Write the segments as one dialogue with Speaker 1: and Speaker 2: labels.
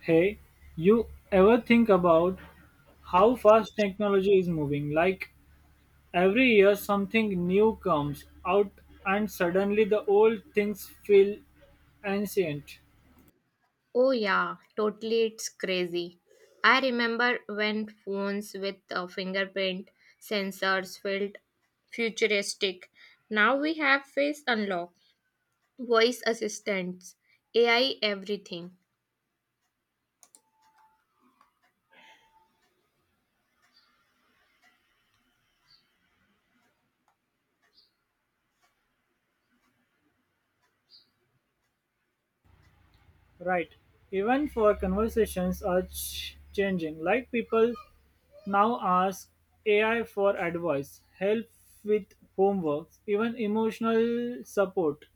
Speaker 1: Hey, you ever think about how fast technology is moving? Like every year, something new comes out, and suddenly the old things feel ancient.
Speaker 2: Oh, yeah, totally. It's crazy. I remember when phones with fingerprint sensors felt futuristic. Now we have face unlock, voice assistants, AI, everything.
Speaker 1: Right. Even for conversations are changing. Like people now ask AI for advice, help with homework, even emotional support.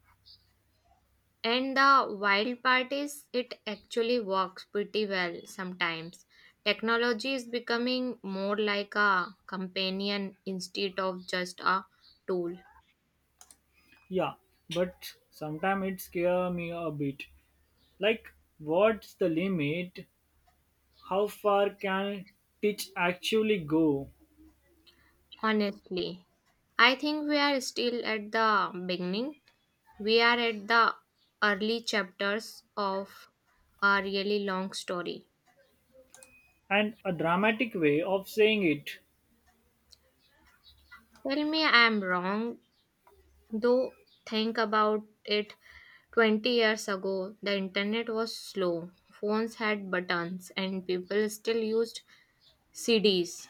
Speaker 2: And the wild part is, it actually works pretty well sometimes. Technology is becoming more like a companion instead of just a tool.
Speaker 1: Yeah, but sometimes it scares me a bit. Like, what's the limit? How far can Titch actually go?
Speaker 2: Honestly, I think we are still at the beginning. We are at the early chapters of a really long story.
Speaker 1: And a dramatic way of saying it
Speaker 2: Tell me I am wrong, though, think about it 20 years ago, the internet was slow, phones had buttons, and people still used CDs.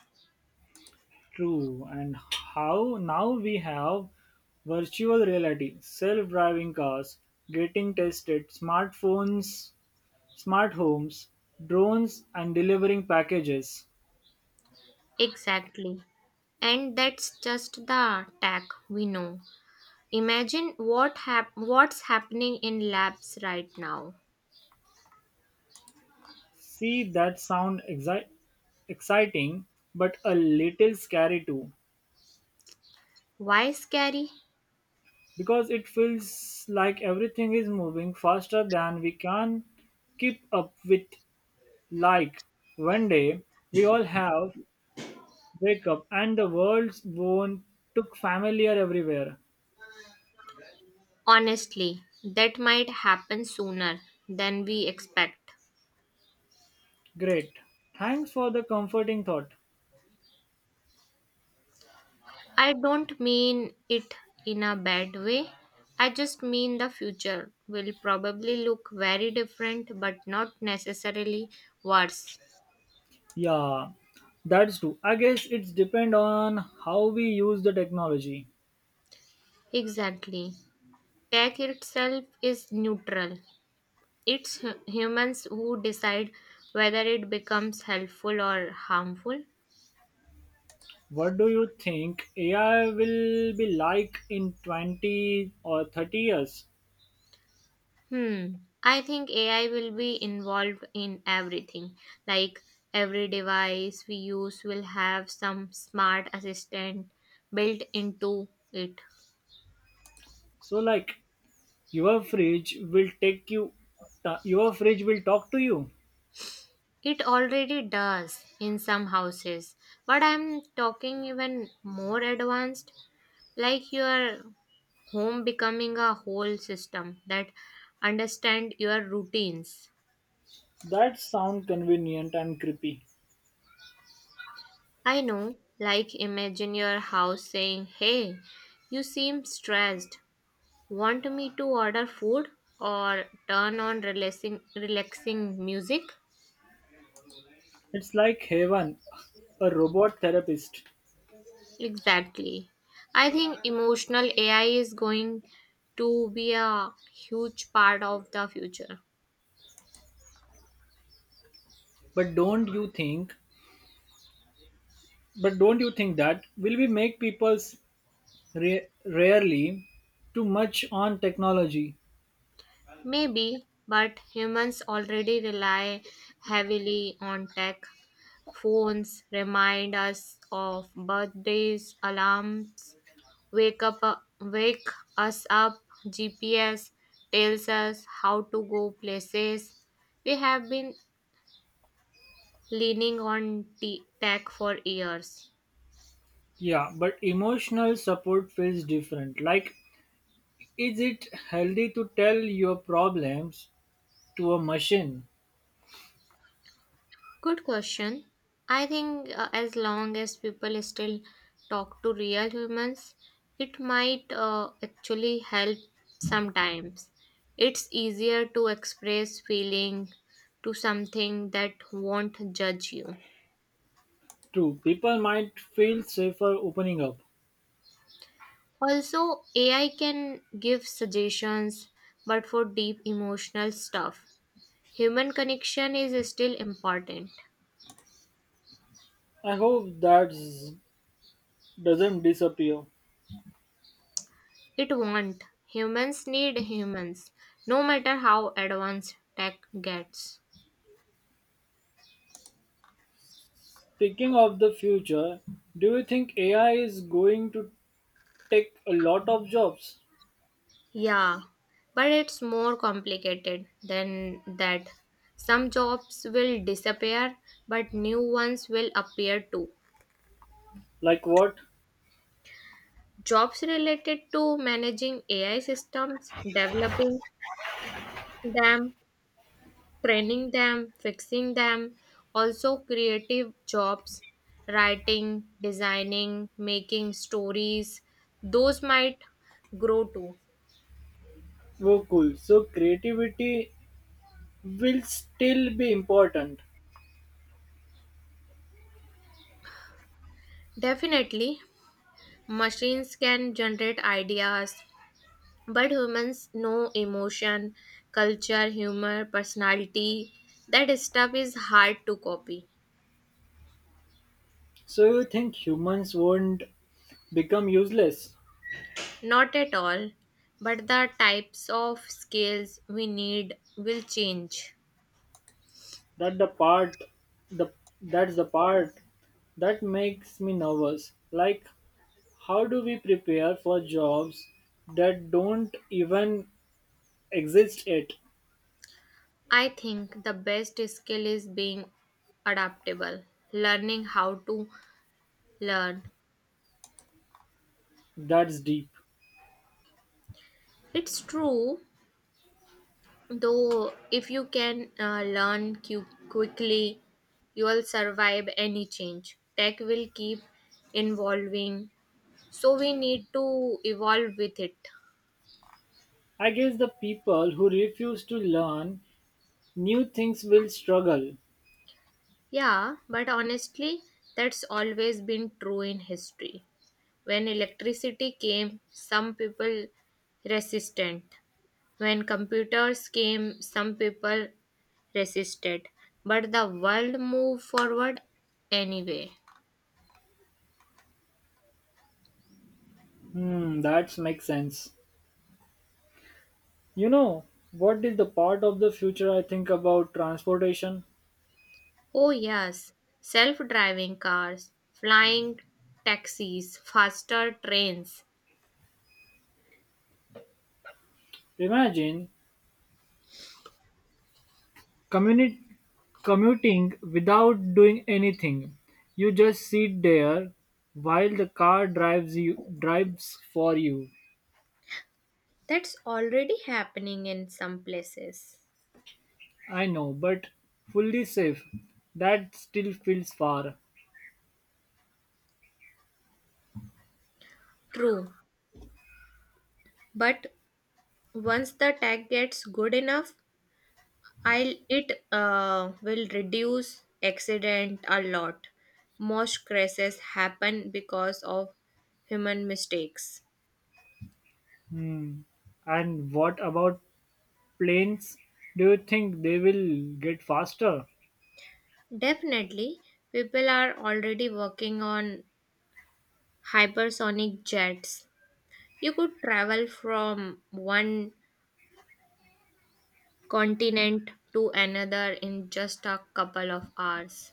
Speaker 1: true. And how now we have virtual reality, self driving cars, getting tested, smartphones, smart homes, drones, and delivering packages.
Speaker 2: Exactly. And that's just the tech we know. Imagine what's happening in labs right now.
Speaker 1: See, that sound exciting, but a little scary too.
Speaker 2: Why scary?
Speaker 1: Because it feels like everything is moving faster than we can keep up with. Like one day we all have wake up and the world's won't took familiar everywhere.
Speaker 2: Honestly, that might happen sooner than we expect.
Speaker 1: Great. Thanks for the comforting thought.
Speaker 2: I don't mean it in a bad way. I just mean the future will probably look very different but not necessarily worse.
Speaker 1: Yeah, that's true. I guess it's depend on how we use the technology.
Speaker 2: Exactly. Tech itself is neutral. Humans who decide whether it becomes helpful or harmful.
Speaker 1: What do you think AI will be like in 20 or 30 years?
Speaker 2: Hmm. I think AI will be involved in everything. Like every device we use will have some smart assistant built into it.
Speaker 1: So like your fridge will take you your fridge will talk to you.
Speaker 2: It already does in some houses, but I'm talking even more advanced, like your home becoming a whole system that understand your routines.
Speaker 1: That sound convenient and creepy.
Speaker 2: I know, like imagine your house saying, "Hey, you seem stressed. Want me to order food or turn on relaxing music?"
Speaker 1: It's like heaven, a robot therapist.
Speaker 2: Exactly. I think emotional AI is going to be a huge part of the future.
Speaker 1: But don't you think but don't you think that will we make people's rarely too much on technology?
Speaker 2: Maybe, but humans already rely heavily on tech. Phones remind us of birthdays, alarms, wake up, wake us up. GPS tells us how to go places. We have been leaning on tech for years.
Speaker 1: Yeah, but emotional support feels different. Like is it healthy to tell your problems to a machine?
Speaker 2: Good question. I think as long as people still talk to real humans, it might actually help sometimes. It's easier to express feeling to something that won't judge you.
Speaker 1: True, people might feel safer opening up.
Speaker 2: Also, AI can give suggestions, but for deep emotional stuff, human connection is still important.
Speaker 1: I hope that doesn't disappear.
Speaker 2: It won't. Humans need humans, no matter how advanced tech gets.
Speaker 1: Speaking of the future, do you think AI is going to take a lot of jobs?
Speaker 2: Yeah, but it's more complicated than that. Some jobs will disappear, but new ones will appear too.
Speaker 1: Like what?
Speaker 2: Jobs related to managing AI systems, developing them, training them, fixing them, also creative jobs, writing, designing, making stories, those might grow too.
Speaker 1: Oh, cool. So creativity will still be important.
Speaker 2: Definitely, machines can generate ideas, but humans know emotion, culture, humor, personality. That stuff is hard to copy.
Speaker 1: So you think humans won't become useless?
Speaker 2: Not at all, but the types of skills we need will change.
Speaker 1: That the part, the that's the part that makes me nervous. Like, how do we prepare for jobs that don't even exist yet?
Speaker 2: I think the best skill is being adaptable, learning how to learn.
Speaker 1: That's deep.
Speaker 2: It's true, though, if you can learn quickly, you will survive any change. Tech will keep evolving, so we need to evolve with it.
Speaker 1: I guess the people who refuse to learn new things will struggle.
Speaker 2: Yeah, but honestly, that's always been true in history. When electricity came, some people resistant. When computers came, some people resisted, but the world moved forward anyway.
Speaker 1: Hmm, that makes sense. You know, what is the part of the future I think about transportation?
Speaker 2: Oh, yes, self driving cars, flying taxis, faster trains.
Speaker 1: Imagine communi- commuting without doing anything. You just sit there while the car drives you drives for you.
Speaker 2: That's already happening in some places.
Speaker 1: I know, but fully safe. That still feels far.
Speaker 2: True, but once the tech gets good enough, I'll it will reduce accident a lot. Most crashes happen because of human mistakes.
Speaker 1: And what about planes, do you think they will get faster?
Speaker 2: Definitely, people are already working on hypersonic jets. You could travel from one continent to another in just a couple of hours.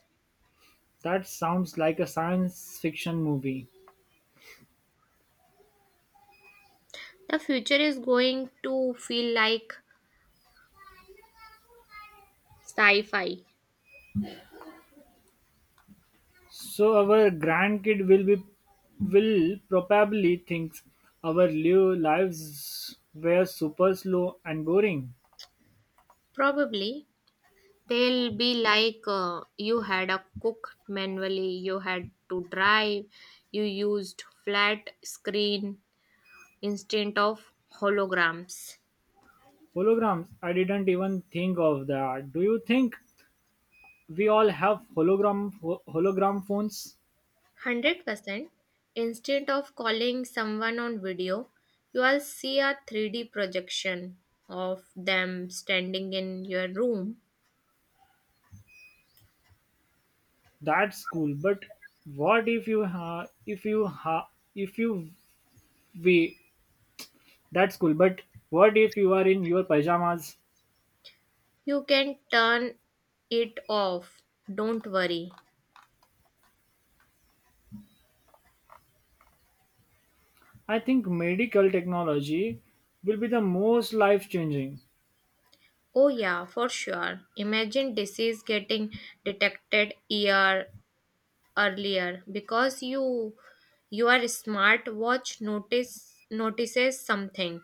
Speaker 1: That sounds like a science fiction movie.
Speaker 2: The future is going to feel like sci fi.
Speaker 1: So our grandkid will probably think our lives were super slow and boring.
Speaker 2: Probably. They'll be like you had a cook manually, you had to drive, you used flat screen instead of holograms.
Speaker 1: Holograms, I didn't even think of that. Do you think we all have hologram hologram phones?
Speaker 2: 100% instead of calling someone on video, you will see a 3D projection of them standing in your room.
Speaker 1: That's cool, but what if you ha- if you ha- if you we That's cool, but what if you are in your pajamas?
Speaker 2: You can turn it off. Don't worry.
Speaker 1: I think medical technology will be the most life changing.
Speaker 2: Oh, yeah, for sure. Imagine disease getting detected year earlier because you your smartwatch notices something,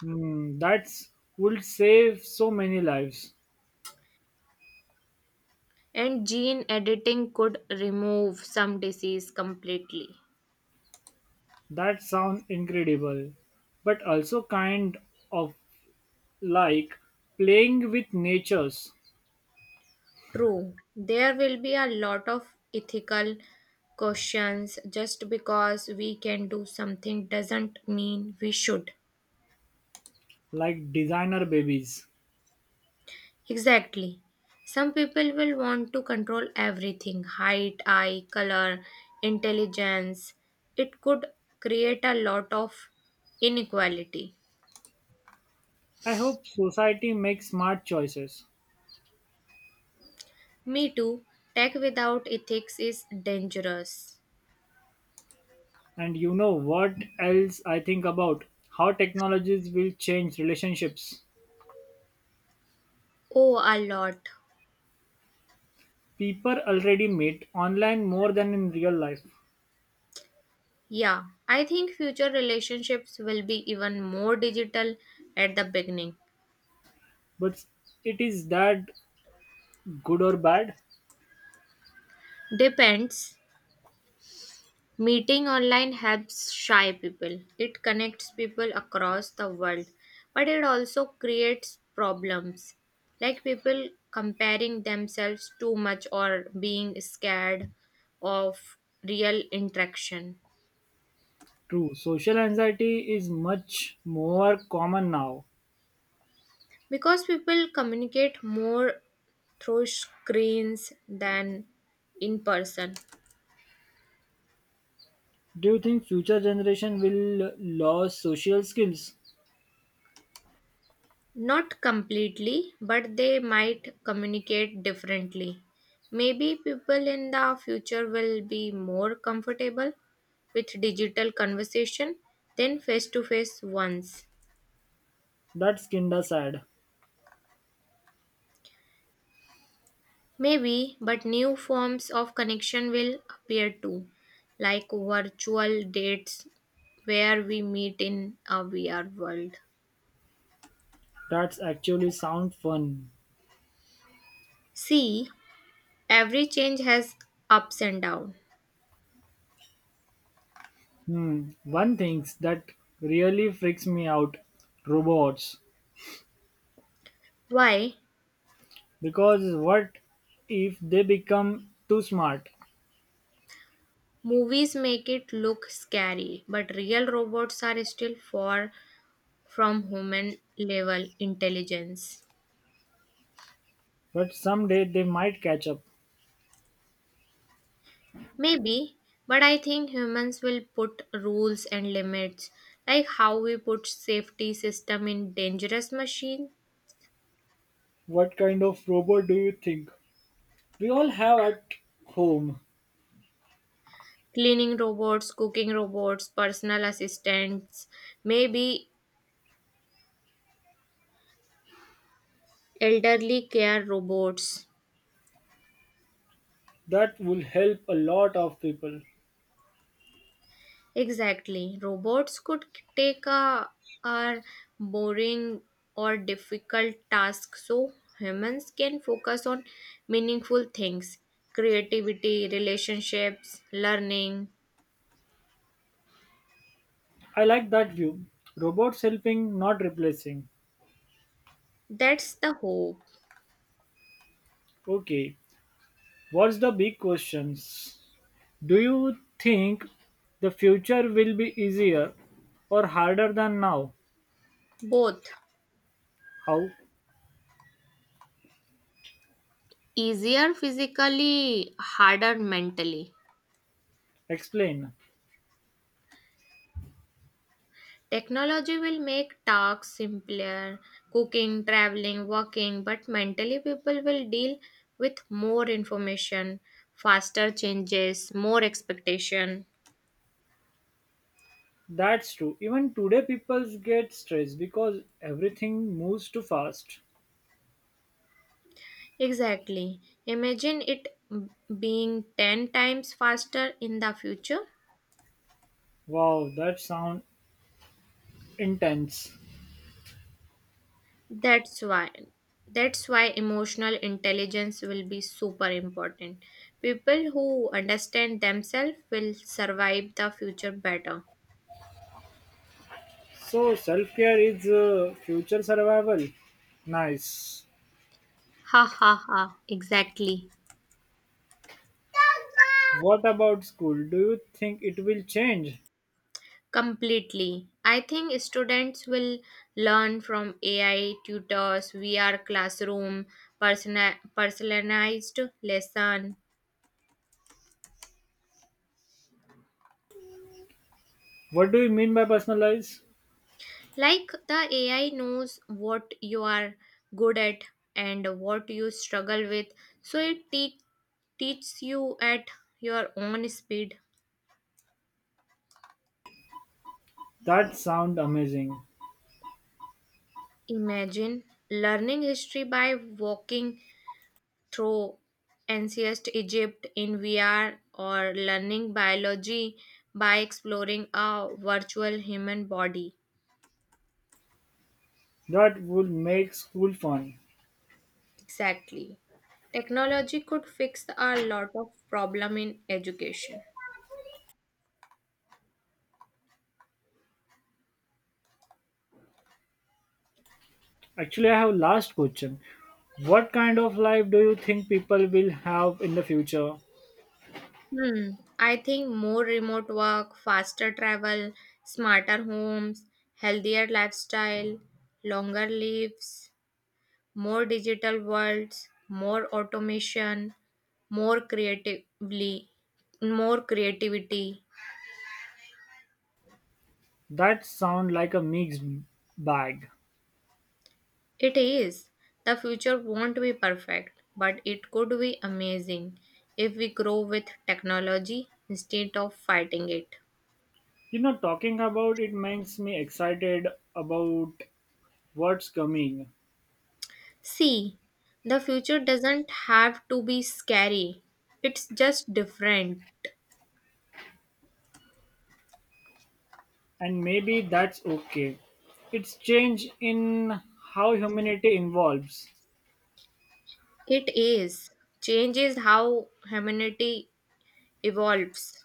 Speaker 1: Hmm, that's would save so many lives.
Speaker 2: and gene editing could remove some disease completely.
Speaker 1: That sound incredible, but also kind of like playing with natures,
Speaker 2: True, there will be a lot of ethical questions. Just because we can do something doesn't mean we should.
Speaker 1: like designer babies.
Speaker 2: Exactly. Some people will want to control everything, height, eye, color, intelligence. It could create a lot of inequality.
Speaker 1: I hope society makes smart choices.
Speaker 2: Me too. Tech without ethics is dangerous.
Speaker 1: And you know what else I think about? How technologies will change relationships.
Speaker 2: Oh, a lot.
Speaker 1: People already meet online more than in real life,
Speaker 2: Yeah, I think future relationships will be even more digital at the beginning.
Speaker 1: but it is that good or bad?
Speaker 2: Depends. Meeting online helps shy people. It connects people across the world, but it also creates problems like people comparing themselves too much or being scared of real interaction.
Speaker 1: True, social anxiety is much more common now.
Speaker 2: Because people communicate more through screens than in person.
Speaker 1: Do you think future generation will lose social skills?
Speaker 2: Not completely, but they might communicate differently. Maybe people in the future will be more comfortable with digital conversation than face to face ones.
Speaker 1: That's kinda sad.
Speaker 2: Maybe, but new forms of connection will appear too, like virtual dates where we meet in a VR world.
Speaker 1: That's actually sound fun.
Speaker 2: See, every change has ups and downs.
Speaker 1: Hmm. One thing that really freaks me out robots.
Speaker 2: Why?
Speaker 1: Because what if they become too smart?
Speaker 2: Movies make it look scary, but real robots are still far from human level intelligence.
Speaker 1: But someday they might catch up.
Speaker 2: Maybe, but I think humans will put rules and limits, like how we put safety system in dangerous machine,
Speaker 1: What kind of robot do you think we all have at home
Speaker 2: cleaning robots, cooking robots, personal assistants, maybe elderly care robots.
Speaker 1: that will help a lot of people?
Speaker 2: Exactly. Robots could take a boring or difficult task so humans can focus on meaningful things, creativity, relationships, learning.
Speaker 1: I like that view. Robots helping, not replacing.
Speaker 2: That's the hope.
Speaker 1: Okay, what's the big questions? Do you think the future will be easier or harder than now?
Speaker 2: Both
Speaker 1: How?
Speaker 2: easier physically, harder mentally.
Speaker 1: Explain.
Speaker 2: Technology will make tasks simpler, cooking, traveling, working, but mentally people will deal with more information, faster changes, more expectation.
Speaker 1: That's true. Even today, people get stressed because everything moves too fast.
Speaker 2: Exactly. Imagine being 10 times faster in the future.
Speaker 1: Wow, that sounds intense.
Speaker 2: That's why that's why emotional intelligence will be super important. People who understand themselves will survive the future better.
Speaker 1: So self care is future survival. Nice.
Speaker 2: Ha ha ha, exactly.
Speaker 1: What about school? Do you think it will change?
Speaker 2: Completely. I think students will learn from AI tutors, VR classroom, personalized lesson.
Speaker 1: What do you mean by personalized?
Speaker 2: Like the AI knows what you are good at and what you struggle with, so teaches you at your own speed.
Speaker 1: That sound amazing.
Speaker 2: Imagine learning history by walking through ancient Egypt in VR or learning biology by exploring a virtual human body.
Speaker 1: That would make school fun.
Speaker 2: Exactly. Technology could fix a lot of problem in education.
Speaker 1: Actually, I have last question. What kind of life do you think people will have in the future?
Speaker 2: Hmm. I think more remote work, faster travel, smarter homes, healthier lifestyle, longer lives, more digital worlds, more automation, more creatively, more creativity.
Speaker 1: That sound like a mixed bag.
Speaker 2: It is. The future won't be perfect, but it could be amazing if we grow with technology instead of fighting it.
Speaker 1: You know, talking about it makes me excited about what's coming.
Speaker 2: See, the future doesn't have to be scary. It's just different.
Speaker 1: And maybe that's okay. It's change in how humanity involves.
Speaker 2: It is. Changes how humanity evolves.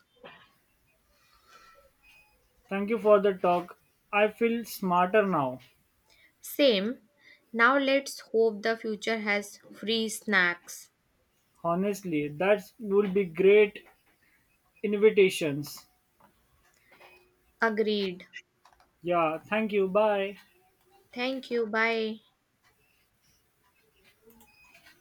Speaker 1: Thank you for the talk. I feel smarter now.
Speaker 2: Same. Now let's hope the future has free snacks.
Speaker 1: Honestly, that will be great invitations.
Speaker 2: Agreed.
Speaker 1: Yeah, thank you. Bye.
Speaker 2: Thank you. Bye.